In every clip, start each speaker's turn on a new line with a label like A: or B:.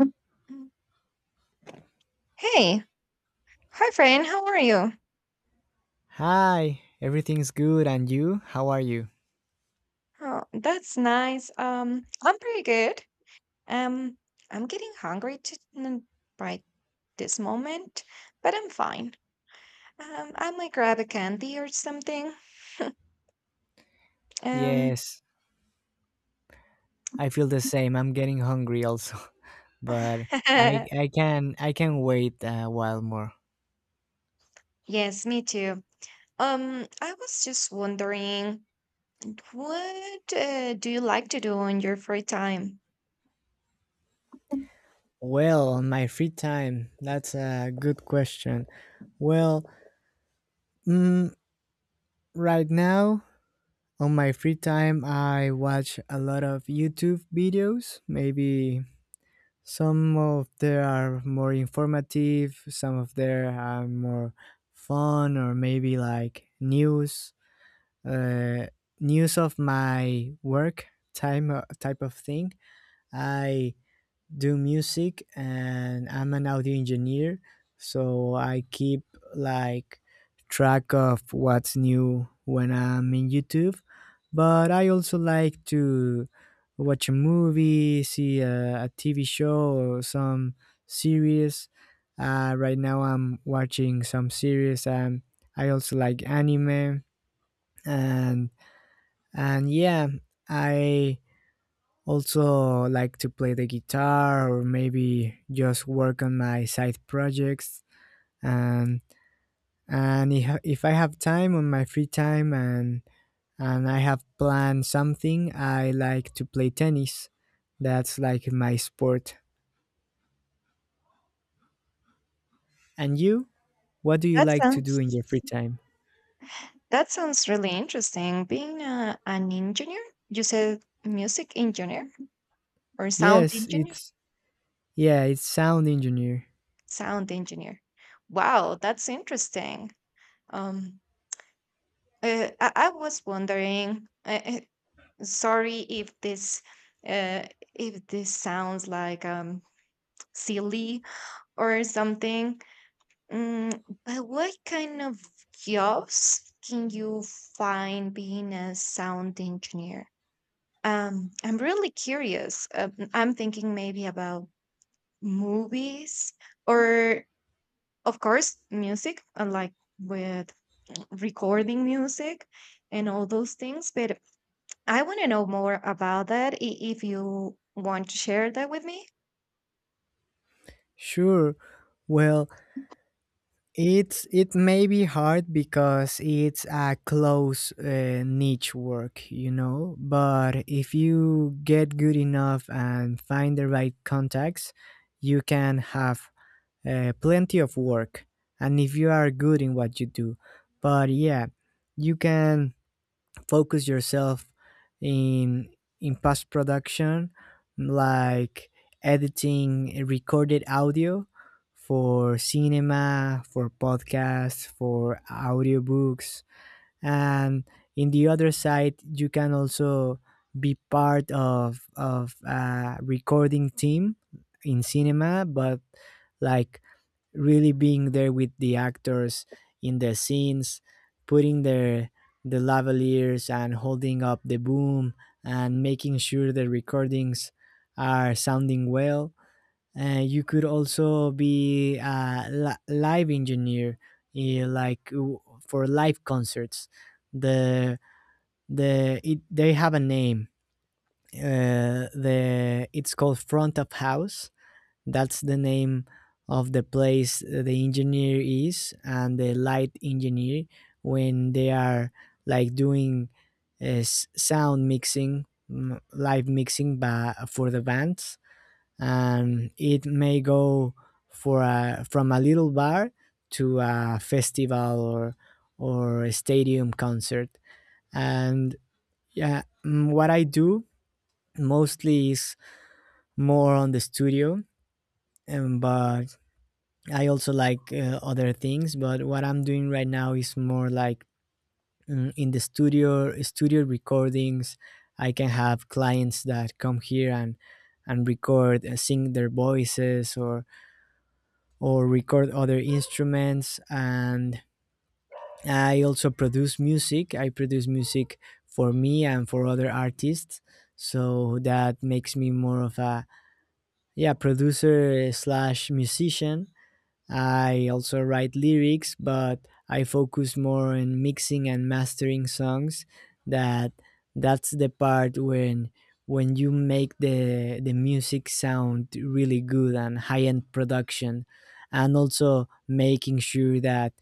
A: Mm. Hey, hi friend, how are you?
B: Hi, everything's good and you? How are you?
A: Oh, that's nice. I'm pretty good. Um, I'm getting hungry to, right this moment, but I'm fine. I might grab a candy or something. Um,
B: Yes, I feel the same. I'm getting hungry also, but I I can I can wait a while more.
A: yes, me too. I was just wondering, what do you like to do in your free time? Mm.
B: Well, on my free time, that's a good question. Well, mm, right now on my free time, I watch a lot of YouTube videos. Maybe some of them are more informative, some of them are more fun, or maybe like news uh, news of my work time type of thing. I do music and I'm an audio engineer, so I keep like track of what's new when I'm in YouTube. But I also like to watch a movie, see a TV show or some series. Right now I'm watching some series. I also like anime and and yeah, I also like to play the guitar or maybe just work on my side projects. And and if I have time on my free time and I have planned something, I like to play tennis. That's like my sport. And you? What do you
A: That
B: like to do
A: sounds
B: in your free time?
A: That sounds really interesting. Being a, an engineer, you said music engineer or sound
B: Yes,
A: engineer?
B: it's yeah, it's sound engineer.
A: Sound engineer. Wow, that's interesting. Um, I was wondering. Sorry uh, if this sounds like silly or something. But what kind of jobs can you find being a sound engineer? I'm really curious. I'm thinking maybe about movies or, of course, music, like with recording music and all those things. But I want to know more about if you want to share that with me.
B: Sure. Well, it may be hard because it's a close niche work, you know. But if you get good enough and find the right contacts, you can have plenty of work. And if you are good in what you do, but yeah, you can focus yourself in in post production, like editing recorded audio for cinema, for podcasts, for audiobooks. And in the other side, you can also be part of a recording team in cinema, but like really being there with the actors in the scenes, putting the lavaliers and holding up the boom, and making sure the recordings are sounding well. You could also be a live engineer, like for live concerts. The they have a name. The It's called front of house. That's the name of the place the engineer is, and the light engineer, when they are like doing sound mixing, live mixing, for the band. And it may go from a little bar to a festival, or a stadium concert. And yeah, what I do mostly is more on the studio. Um, but I also like other things. But what I'm doing right now is more like, in the studio, studio recordings. I can have clients that come here and record, sing their voices, or record other instruments. And I also produce music. I produce music for me and for other artists. So that makes me more of a, yeah, producer slash musician. I also write lyrics, but I focus more on mixing and mastering songs. That that's the part when you make the music sound really good and high end production, and also making sure that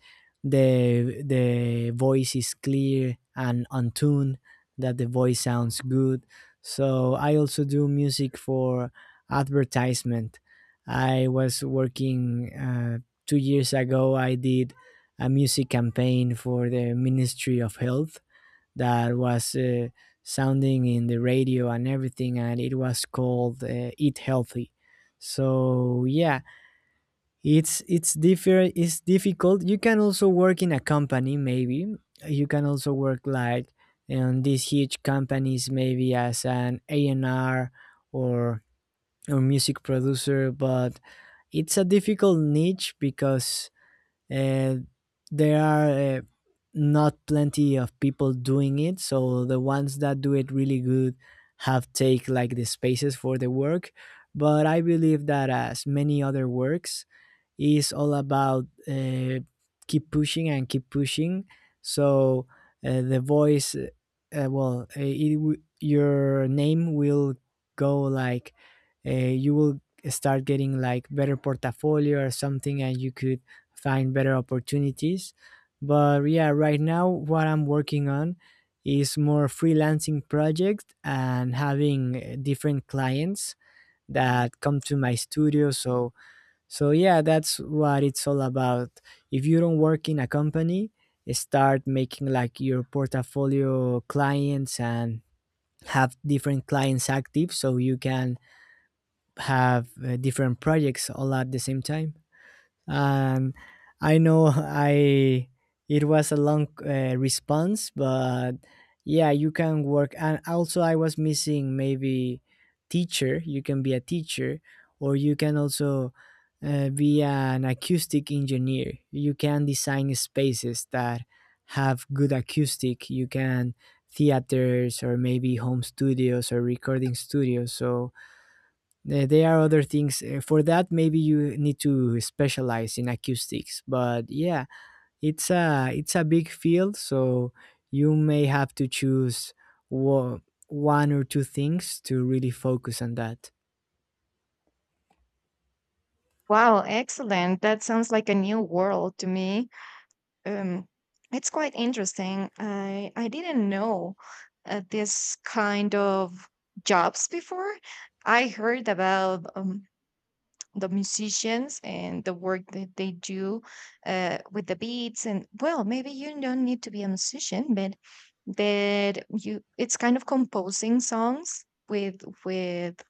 B: the voice is clear and on tune, that the voice sounds good. So I also do music for advertisement. I was working. 2 years ago I did a music campaign for the ministry of health. That was sounding in the radio and everything, and it was called eat healthy. So yeah, it's different. It's difficult. You can also work in a company, maybe. You can also work like in these huge companies, maybe as an a&r or music producer. But it's a difficult niche because uh, there are, not plenty of people doing it, so the ones that do it really good have take like the spaces for the work. But I believe that, as many other works, is all about keep pushing and keep pushing. So the voice, well, it, w- your name will go like, you will start getting like better portfolio or something, and you could find better opportunities. But yeah, right now what I'm working on is more freelancing project and having different clients that come to my studio. So yeah, that's what it's all about. If you don't work in a company, start making like your portfolio clients and have different clients active, so you can have different projects all at the same time. And I know, I it was a long response, but yeah, you can work. And also, I was missing maybe teacher. You can be a teacher, or you can also be an acoustic engineer. You can design spaces that have good acoustic. You can theaters or maybe home studios or recording studios. So there are other things for that. Maybe you need to specialize in acoustics, but yeah, it's a big field, so you may have to choose wo- one or two things to really focus on that.
A: Wow, excellent. That sounds like a new world to me. Um, it's quite interesting. I didn't know this kind of jobs before. I heard about the musicians and the work that they do with the beats, and well, maybe you don't need to be a musician, but that you, it's kind of composing songs with with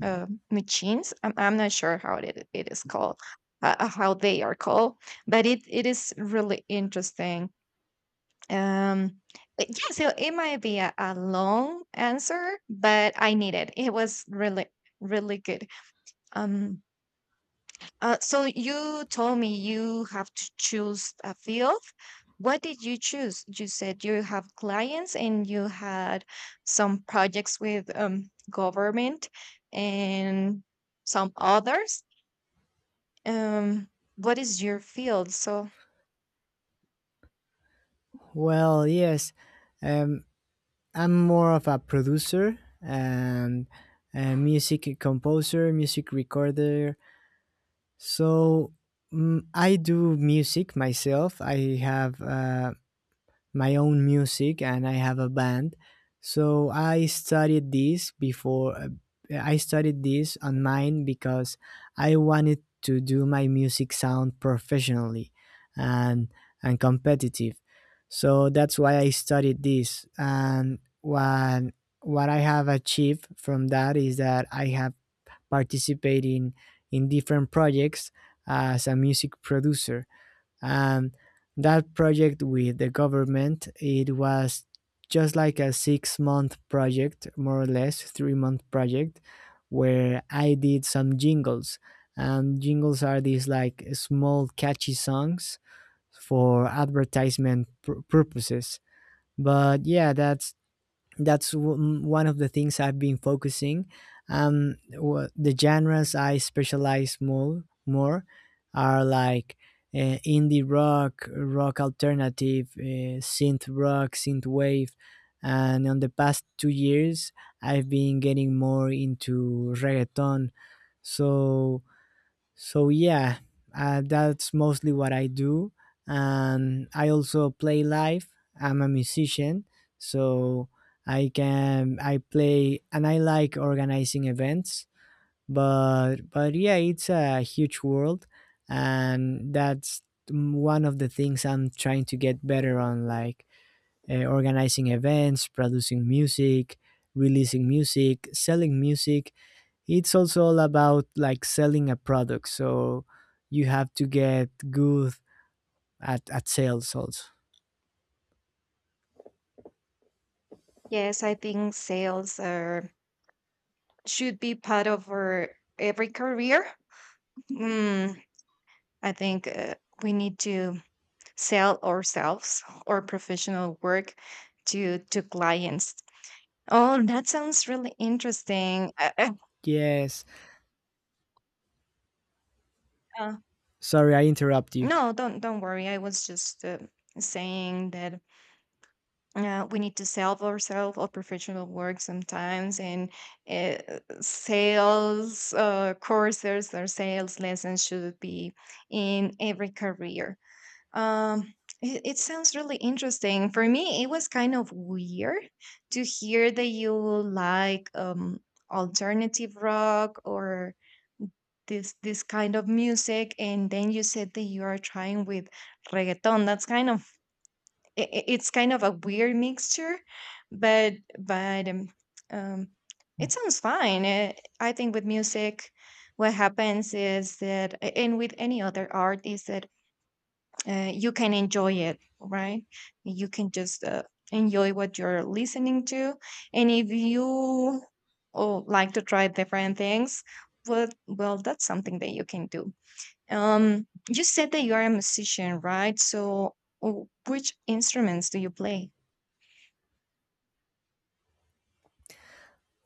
A: uh, machines. I'm not sure how it is called, how they are called, but it is really interesting. Um but yeah, so it might be a long answer, but I need it. It was really really good. Um uh, so you told me you have to choose a field. What did you choose? You said you have clients and you had some projects with government and some others. Um, what is your field? So
B: Well, yes, um, I'm more of a producer and a music composer, music recorder. So, I do music myself. I have. My own music, and I have a band. So I studied this before. I studied this online because I wanted to do my music sound professionally and competitive. So that's why I studied this. And what I have achieved from that is that I have participated in, different projects as a music producer. And that project with the government, it was just like a 6-month project, more or less 3-month project, where I did some jingles. And jingles are these like small catchy songs for advertisement purposes. But yeah, that's one of the things I've been focusing. The genres I specialize more are like indie rock, rock alternative, synth rock, synth wave. And on the past 2 years I've been getting more into reggaeton. So so yeah, that's mostly what I do. And I also play live. I'm a musician. So I play, and I like organizing events. But yeah, it's a huge world. And that's one of the things I'm trying to get better on, like organizing events, producing music, releasing music, selling music. It's also all about like selling a product. So you have to get good at sales also.
A: yes, I think sales are, should be part of our, every career. Mm, I think we need to sell ourselves or professional work to clients. Oh, that sounds really interesting.
B: Yes.
A: Uh,
B: Sorry, I interrupt you.
A: no, don't worry. I was just saying that we need to sell ourselves or professional work sometimes, and uh, sales courses or sales lessons should be in every career. Um, it, it sounds really interesting. For me, it was kind of weird to hear that you like alternative rock or this kind of music, and then you said that you are trying with reggaeton. That's kind of it's kind of a weird mixture, but um it sounds fine. Eh, I think with music what happens is that and with any other art is that you can enjoy it, right? You can just enjoy what you're listening to, and if you oh, like to try different things, well, that's something that you can do. You said that you are a musician, right? So, which instruments do you play?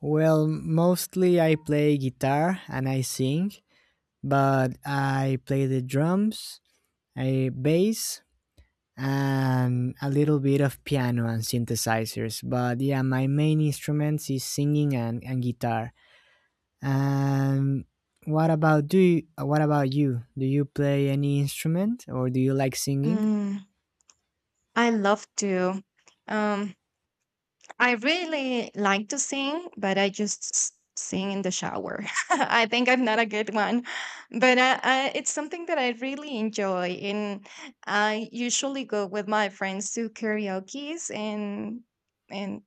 B: Well, mostly I play guitar and I sing, but I play the drums, I bass, and a little bit of piano and synthesizers. But yeah, my main instruments is singing and, guitar. And what about you? Do you play any instrument, or do you like singing
A: Mm, I love to. Um, I really like to sing, but I just sing in the shower. I think I'm not a good one, but it's something that I really enjoy. And I usually go with my friends to karaoke's and and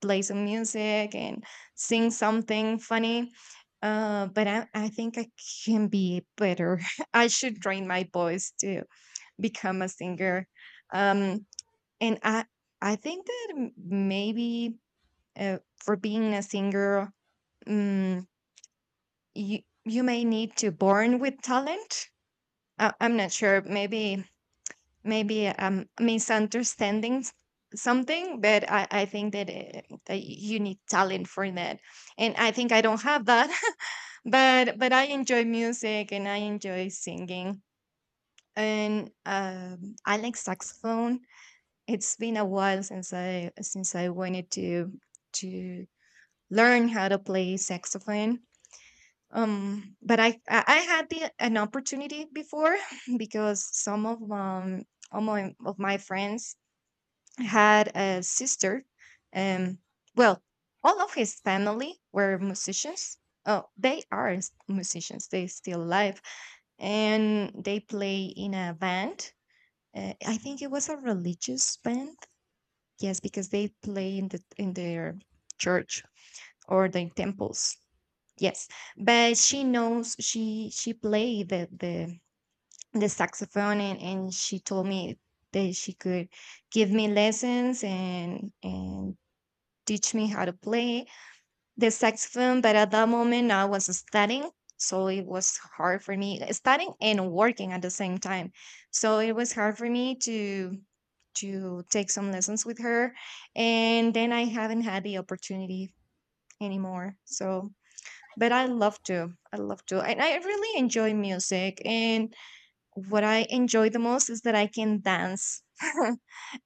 A: play some music and sing something funny. But I think I can be better. I should train my voice to become a singer. Um, and I think that maybe uh, for being a singer, um, you you may need to born with talent. I'm not sure. Maybe misunderstanding something, but I think that, that you need talent for that, and I think I don't have that. But I enjoy music and I enjoy singing, and I like saxophone. It's been a while since I wanted to to learn how to play saxophone. But I had the an opportunity before because some of all my of my friends had a sister. Um, well, all of his family were musicians. Oh, they are musicians. They still alive, and they play in a band. I think it was a religious band. Yes, because they play in their church or the temples. Yes, but she knows she played the saxophone, and she told me that she could give me lessons and teach me how to play the saxophone. But at that moment, I was studying. So it was hard for me studying and working at the same time. So it was hard for me to take some lessons with her. And then I haven't had the opportunity anymore. So but I love to. I love to. And I really enjoy music. And what I enjoy the most is that I can dance. Uh,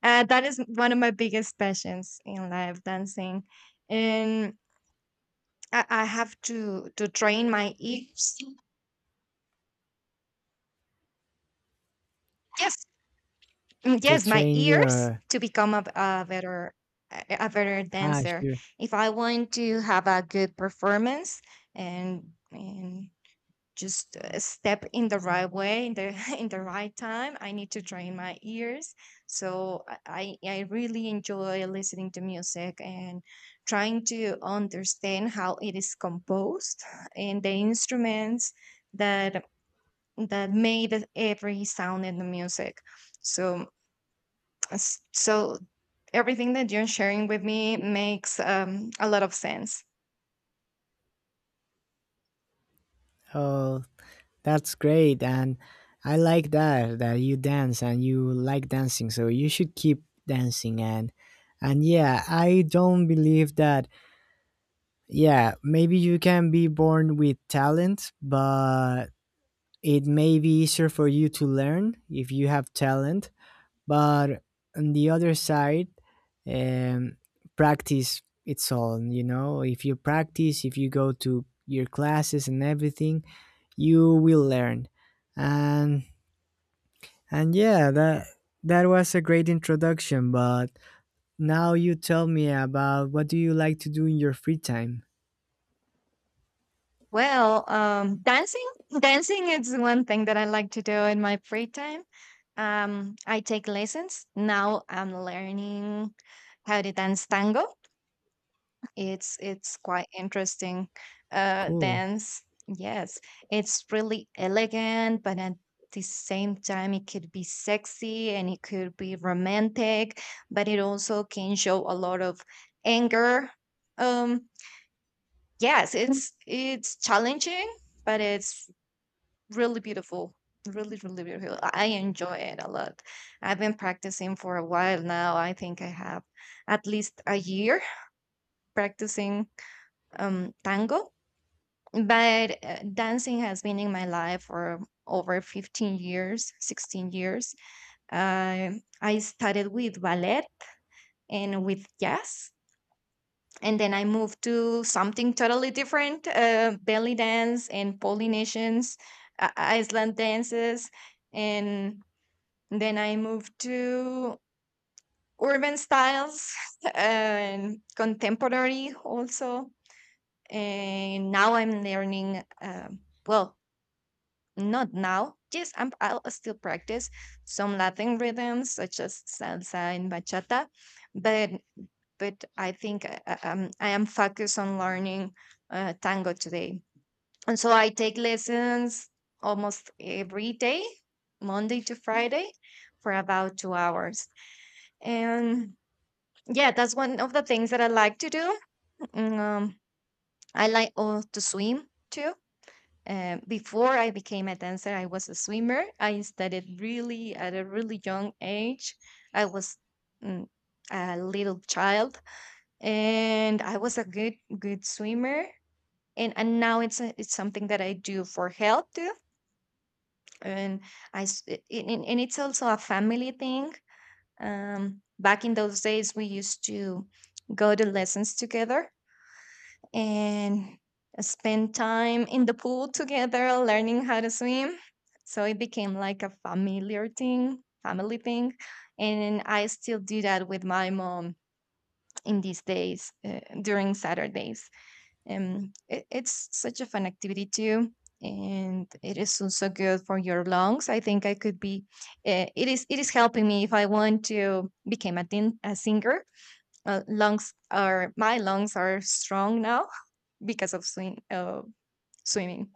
A: that is one of my biggest passions in life, dancing. And I have to train my ears. Yes,
B: to
A: yes, my
B: train
A: ears,
B: your?
A: to become a better a better
B: Ah,
A: dancer.
B: sure.
A: If I want to have a good performance and just step in the right way in the in the right time, I need to train my ears. So I really enjoy listening to music and trying to understand how it is composed and the instruments that every sound in the music. So, s- so everything that you're sharing with me makes a lot of sense.
B: Oh, that's great. And I like that you dance and you like dancing. So you should keep dancing, and yeah, I don't believe that. Yeah, maybe you can be born with talent, but it may be easier for you to learn if you have talent. But on the other side, um, practice, it's all, you know, if you practice, if you go to your classes and everything, you will learn. And yeah, that was a great introduction. But now you tell me about, what do you like to do in your free time?
A: Well, dancing is one thing that I like to do in my free time. I take lessons now. I'm learning how to dance tango. It's quite interesting
B: Cool.
A: dance. Yes, it's really elegant, but at the same time, it could be sexy and it could be romantic, but it also can show a lot of anger. Um, yes, it's challenging, but it's really beautiful. Really, really beautiful. I enjoy it a lot. I've been practicing for a while now. I think I have at least a year practicing tango, but dancing has been in my life for over 15 years, 16 years. uh, I started with ballet and with jazz, and then I moved to something totally different. Belly dance and polynesians, iceland dances, and then I moved to urban styles and contemporary also. And now I'm learning well not now. Yes, I'll still practice some Latin rhythms such as salsa and bachata, but I think I am focused on learning tango today, and so I take lessons almost every day, Monday to Friday, for about 2 hours. And yeah, that's one of the things that I like to do. Mm, Um, I like oh, to swim too. Before I became a dancer, I was a swimmer. I started really at a really young age. I was mm, a little child, and I was a good swimmer. And now it's a, it's something that I do for health too. And I s- it- it- and it's also a family thing. Back in those days, we used to go to lessons together and spend time in the pool together learning how to swim. So it became like a familiar thing, family thing. And I still do that with my mom in these days during Saturdays. It, it's such a fun activity too. And it is also good for your lungs. I think I could be. It is. It is helping me if I want to become a singer. Lungs are My lungs are strong now, because of swimming.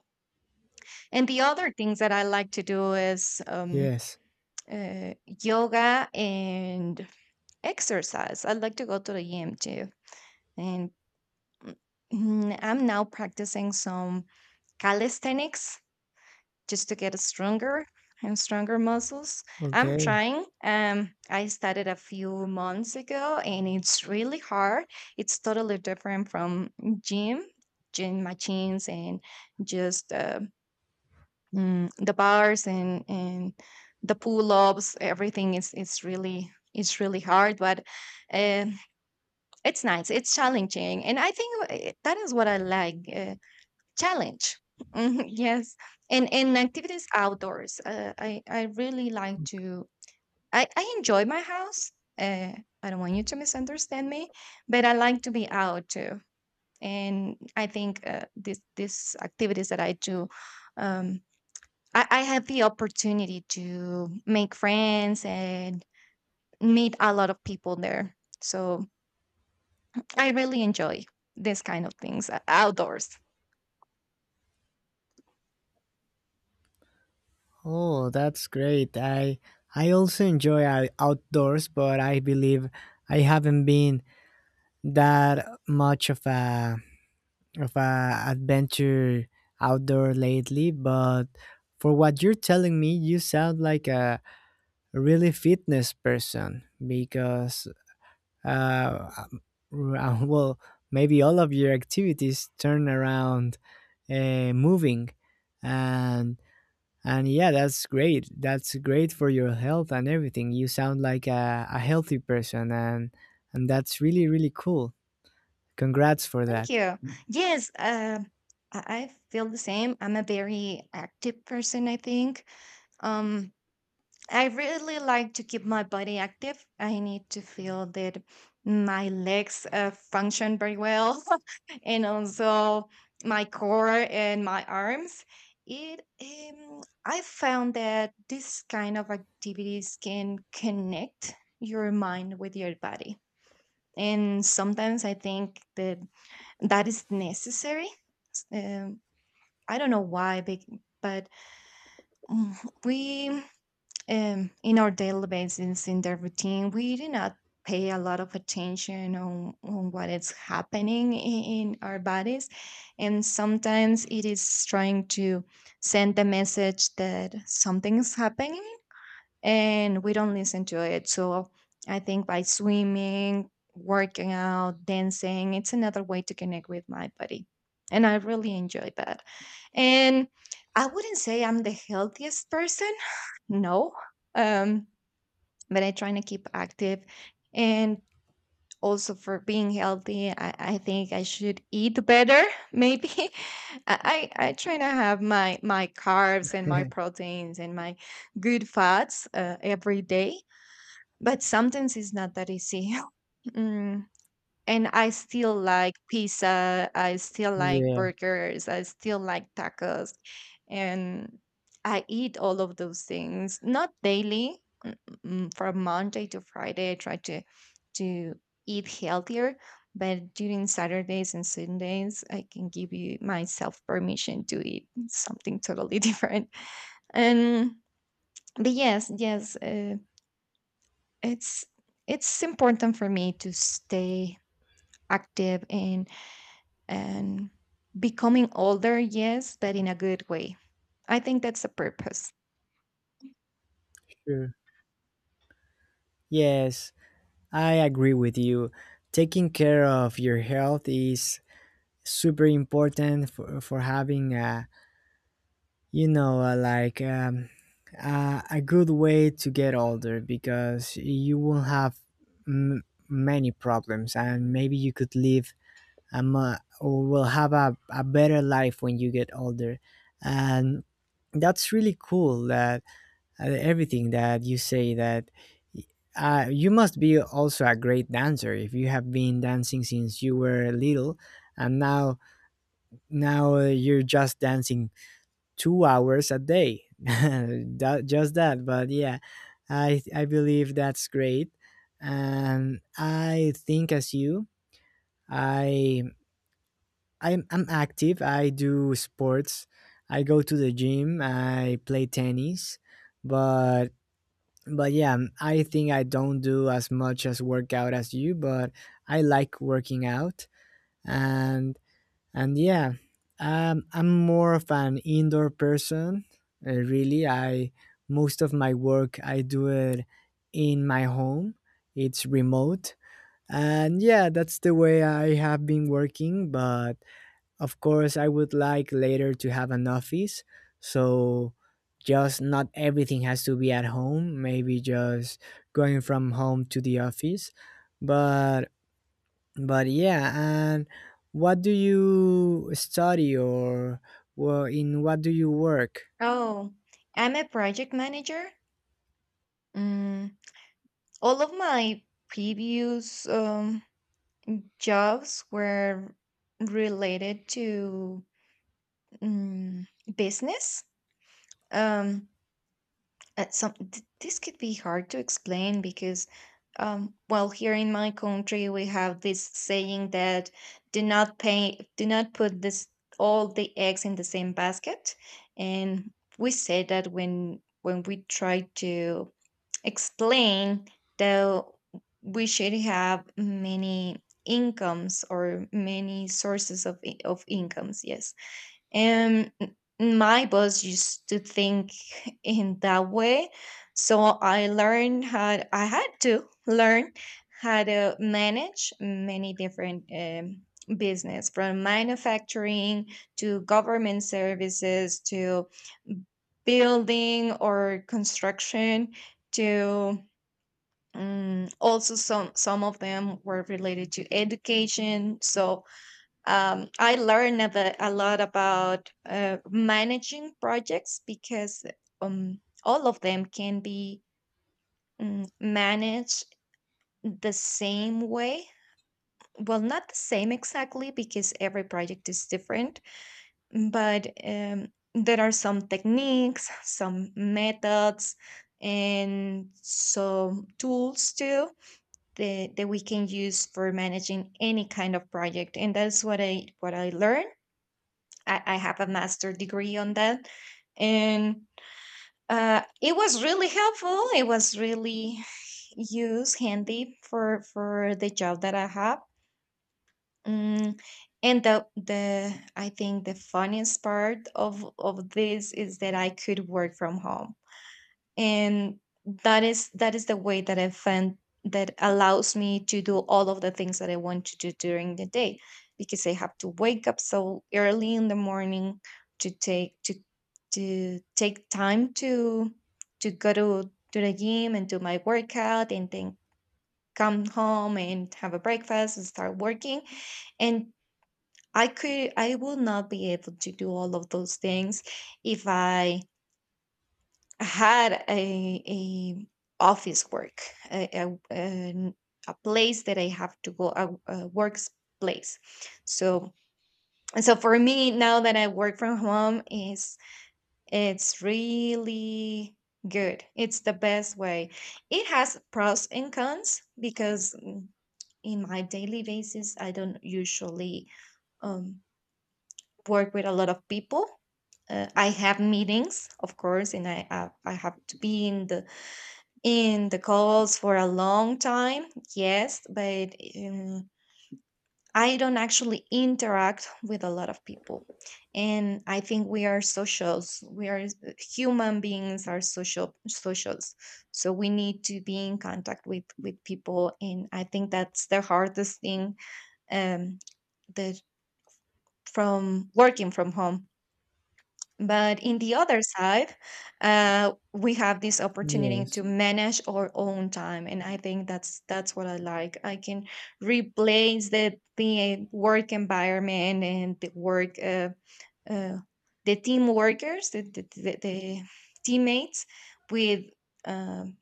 A: And the other things that I like to do is
B: Yes.
A: yoga and exercise. I like to go to the gym too. And I'm now practicing some calisthenics just to get stronger and stronger muscles. I'm
B: Okay.
A: trying. I started a few months ago and it's really hard. It's totally different from gym, gym machines, and just the bars and the pull-ups. Everything is, it's really hard, but uh, it's nice, it's challenging, and I think that is what I like. Challenge. Mhm, yes. And activities outdoors. I really like to I enjoy my house. uh, I don't want you to misunderstand me, but I like to be out too. And I think this activities that I do, um I had the opportunity to make friends and meet a lot of people there. So I really enjoy this kind of things outdoors.
B: Oh, that's great. I also enjoy outdoors, but I believe I haven't been that much of a, adventure outdoor lately. But for what you're telling me, you sound like a really fitness person because uh um, well, maybe all of your activities turn around, moving and And yeah, that's great. That's great for your health and everything. You sound like a healthy person, and that's really really cool. Congrats for
A: Thank
B: that.
A: you. Mm. Yes, I feel the same. I'm a very active person, I think. Um, I really like to keep my body active. I need to feel that my legs function very well and also my core and my arms. It I found that this kind of activities can connect your mind with your body. And sometimes I think that that is necessary. Um, I don't know why, bec- but mm, we in our daily basis in the routine we do not pay a lot of attention on what is happening in our bodies, and sometimes it is trying to send the message that something is happening, and we don't listen to it. So I think by swimming, working out, dancing, it's another way to connect with my body, and I really enjoy that. And I wouldn't say I'm the healthiest person, no. um but I try to keep active, and also for being healthy, I think I should eat better maybe. I I try to have my my carbs and my proteins and my good fats every day, but sometimes it's not that easy. Mm, and I still like pizza. I still like
B: Yeah,
A: burgers. I still like tacos, and I eat all of those things not daily. From Monday to Friday, I try to eat healthier, but during Saturdays and Sundays, I can give you myself permission to eat something totally different. And but yes, yes, it's it's important for me to stay active, and and becoming older, yes, but in a good way. I think that's the purpose.
B: sure. Yes, I agree with you. Taking care of your health is super important for having a you know a, like um, good way to get older because you will have m- many problems, and maybe you could live or will have a better life when you get older. And that's really cool that everything that you say, that you must be also a great dancer if you have been dancing since you were little. And now now you're just dancing 2 hours a day, that, just that, but yeah, I believe that's great. And I think, as you, i I'm active. I do sports. I go to the gym. I play tennis, but yeah, I think I don't do as much as workout as you, but I like working out. And yeah, I'm more of an indoor person. Really, I most of my work I do it in my home. It's remote, and yeah, that's the way I have been working. But of course, I would like later to have an office, so just not everything has to be at home, maybe just going from home to the office. But but yeah, and what do you study, or well, in what do you work?
A: Oh, I'm a project manager. Mm, all of my previous jobs were related to mm, business. Um, this could be hard to explain because well, here in my country we have this saying that do not put this all the eggs in the same basket. And we say that when we try to explain that we should have many incomes or many sources of incomes, yes. And my boss used to think in that way. So I had to learn how to manage many different business, from manufacturing to government services, to building or construction, to also some of them were related to education. So I learned a lot about managing projects, because all of them can be managed the same way. Well, not the same exactly, because every project is different, but there are some techniques, some methods, and some tools too that, that we can use for managing any kind of project. And that's what I learned. I have a master degree on that, and it was really helpful. It was really use handy for the job that I have. Mm, and the I think the funniest part of this is that I could work from home, and that is the way that I find that allows me to do all of the things that I want to do during the day, because I have to wake up so early in the morning to take to to take time to go to the gym and do my workout, and then come home and have a breakfast and start working. And I will not be able to do all of those things if I had a office work, a, a, an- a place that I have to go, a workplace. So, so for me now that I work from home, is it's really good. It's the best way. It has pros and cons because, in my daily basis I don't usually um, work with a lot of people. I have meetings, of course, and I have to be in the calls for a long time, yes, but I don't actually interact with a lot of people. And I think we are socials. We are human beings are social socials. So we need to be in contact with people, and I think that's the hardest thing um that from working from home. But in the other side, we have this opportunity
B: Yes.
A: to manage our own time, and I think that's what I like. I can replace the work environment and the work, uh, the team workers, the teammates with, um,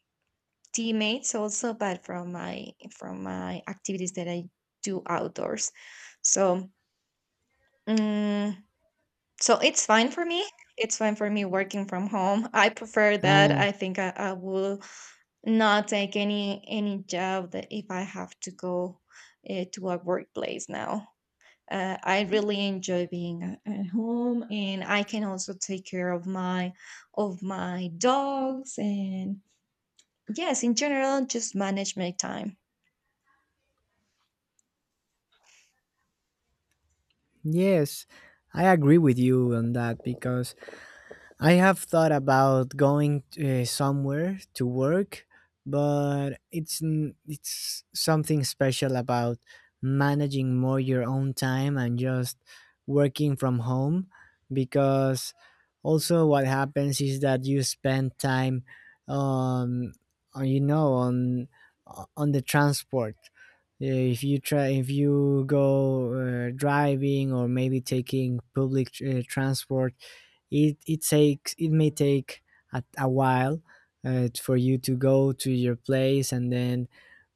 A: teammates also, but from my activities that I do outdoors. So. mm, so it's fine for me. It's fine for me working from home. I prefer that.
B: Uh,
A: I think I will not take any job that if I have to go to a workplace now. I really enjoy being at home, and I can also take care of my dogs and, yes, in general, just manage my time.
B: yes, I agree with you on that because I have thought about going somewhere to work. But it's it's something special about managing more your own time and just working from home because also what happens is that you spend time um on you know on on the transport. If you try, if you go, driving or maybe taking public transport, it takes it may take a while for you to go to your place and then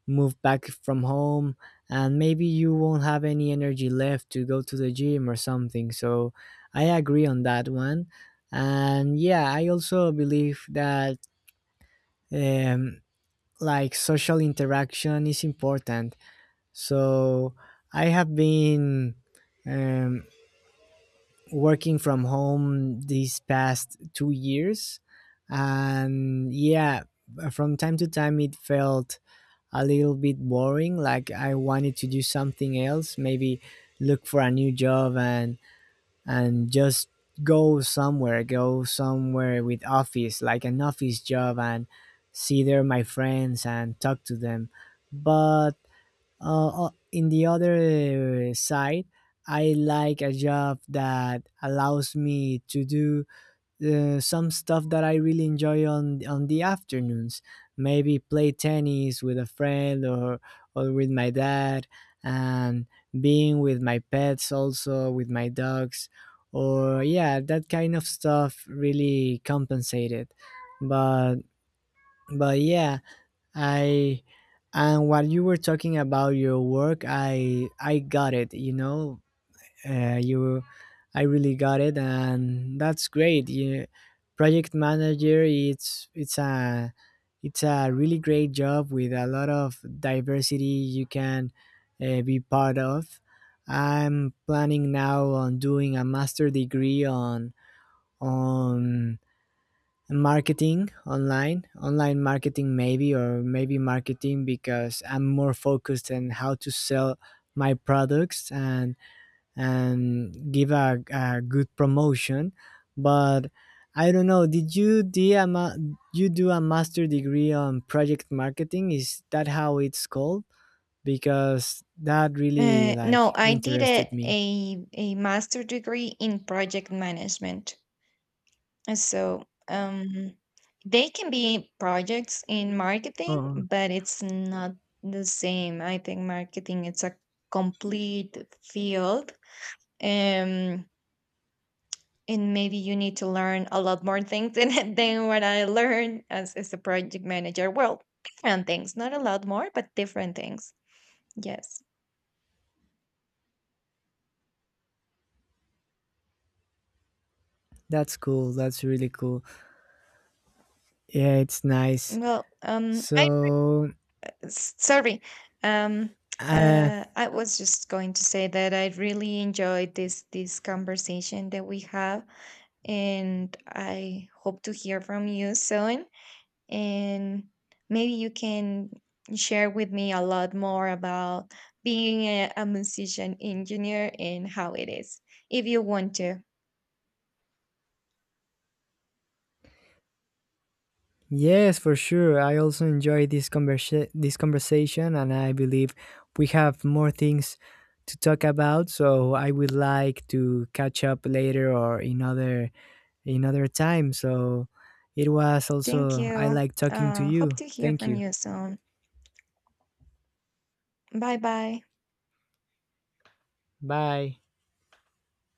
B: move back from home. And maybe you won't have any energy left to go to the gym or something. So I agree on that one. And yeah, I also believe that um, like social interaction is important. So I have been um, working from home these past 2 years. And yeah, from time to time it felt a little bit boring. Like I wanted to do something else, maybe look for a new job, and just go somewhere with office, like an office job, and see there my friends and talk to them. But in the other side, I like a job that allows me to do some stuff that I really enjoy on the afternoons. Maybe play tennis with a friend or with my dad, and being with my pets also with my dogs, or yeah, that kind of stuff really compensated. But yeah, I and what you were talking about your work, I got it. You know, you, I really got it, and that's great. You, project manager, it's it's a really great job with a lot of diversity you can be part of. I'm planning now on doing a master degree on marketing, online marketing maybe, or maybe marketing, because I'm more focused on how to sell my products and give a good promotion. But I don't know, did you do a, ma- you do a master degree on project marketing? Is that how it's called? Because that really
A: No,
B: like
A: I did
B: interested me.
A: a master degree in project management. So they can be projects in marketing,
B: Oh,
A: but it's not the same. I think marketing it's a complete field, um, and maybe you need to learn a lot more things than than what I learned as a project manager. Well, different things, not a lot more, but different things. Yes.
B: that's cool. That's really cool. Yeah, it's nice.
A: Well, I...
B: so
A: Sorry. Um,
B: uh,
A: I was just going to say that I really enjoyed this conversation that we have, and I hope to hear from you soon. And maybe you can share with me a lot more about being a musician engineer and how it is, if you want to.
B: Yes, for sure. I also enjoy this conversation, and I believe we have more things to talk about. So I would like to catch up later, or in other time. So it was
A: Thank
B: also, I
A: you.
B: like talking to
A: Hope
B: you.
A: to hear
B: Thank
A: from
B: you.
A: you soon. Bye bye.
B: Bye.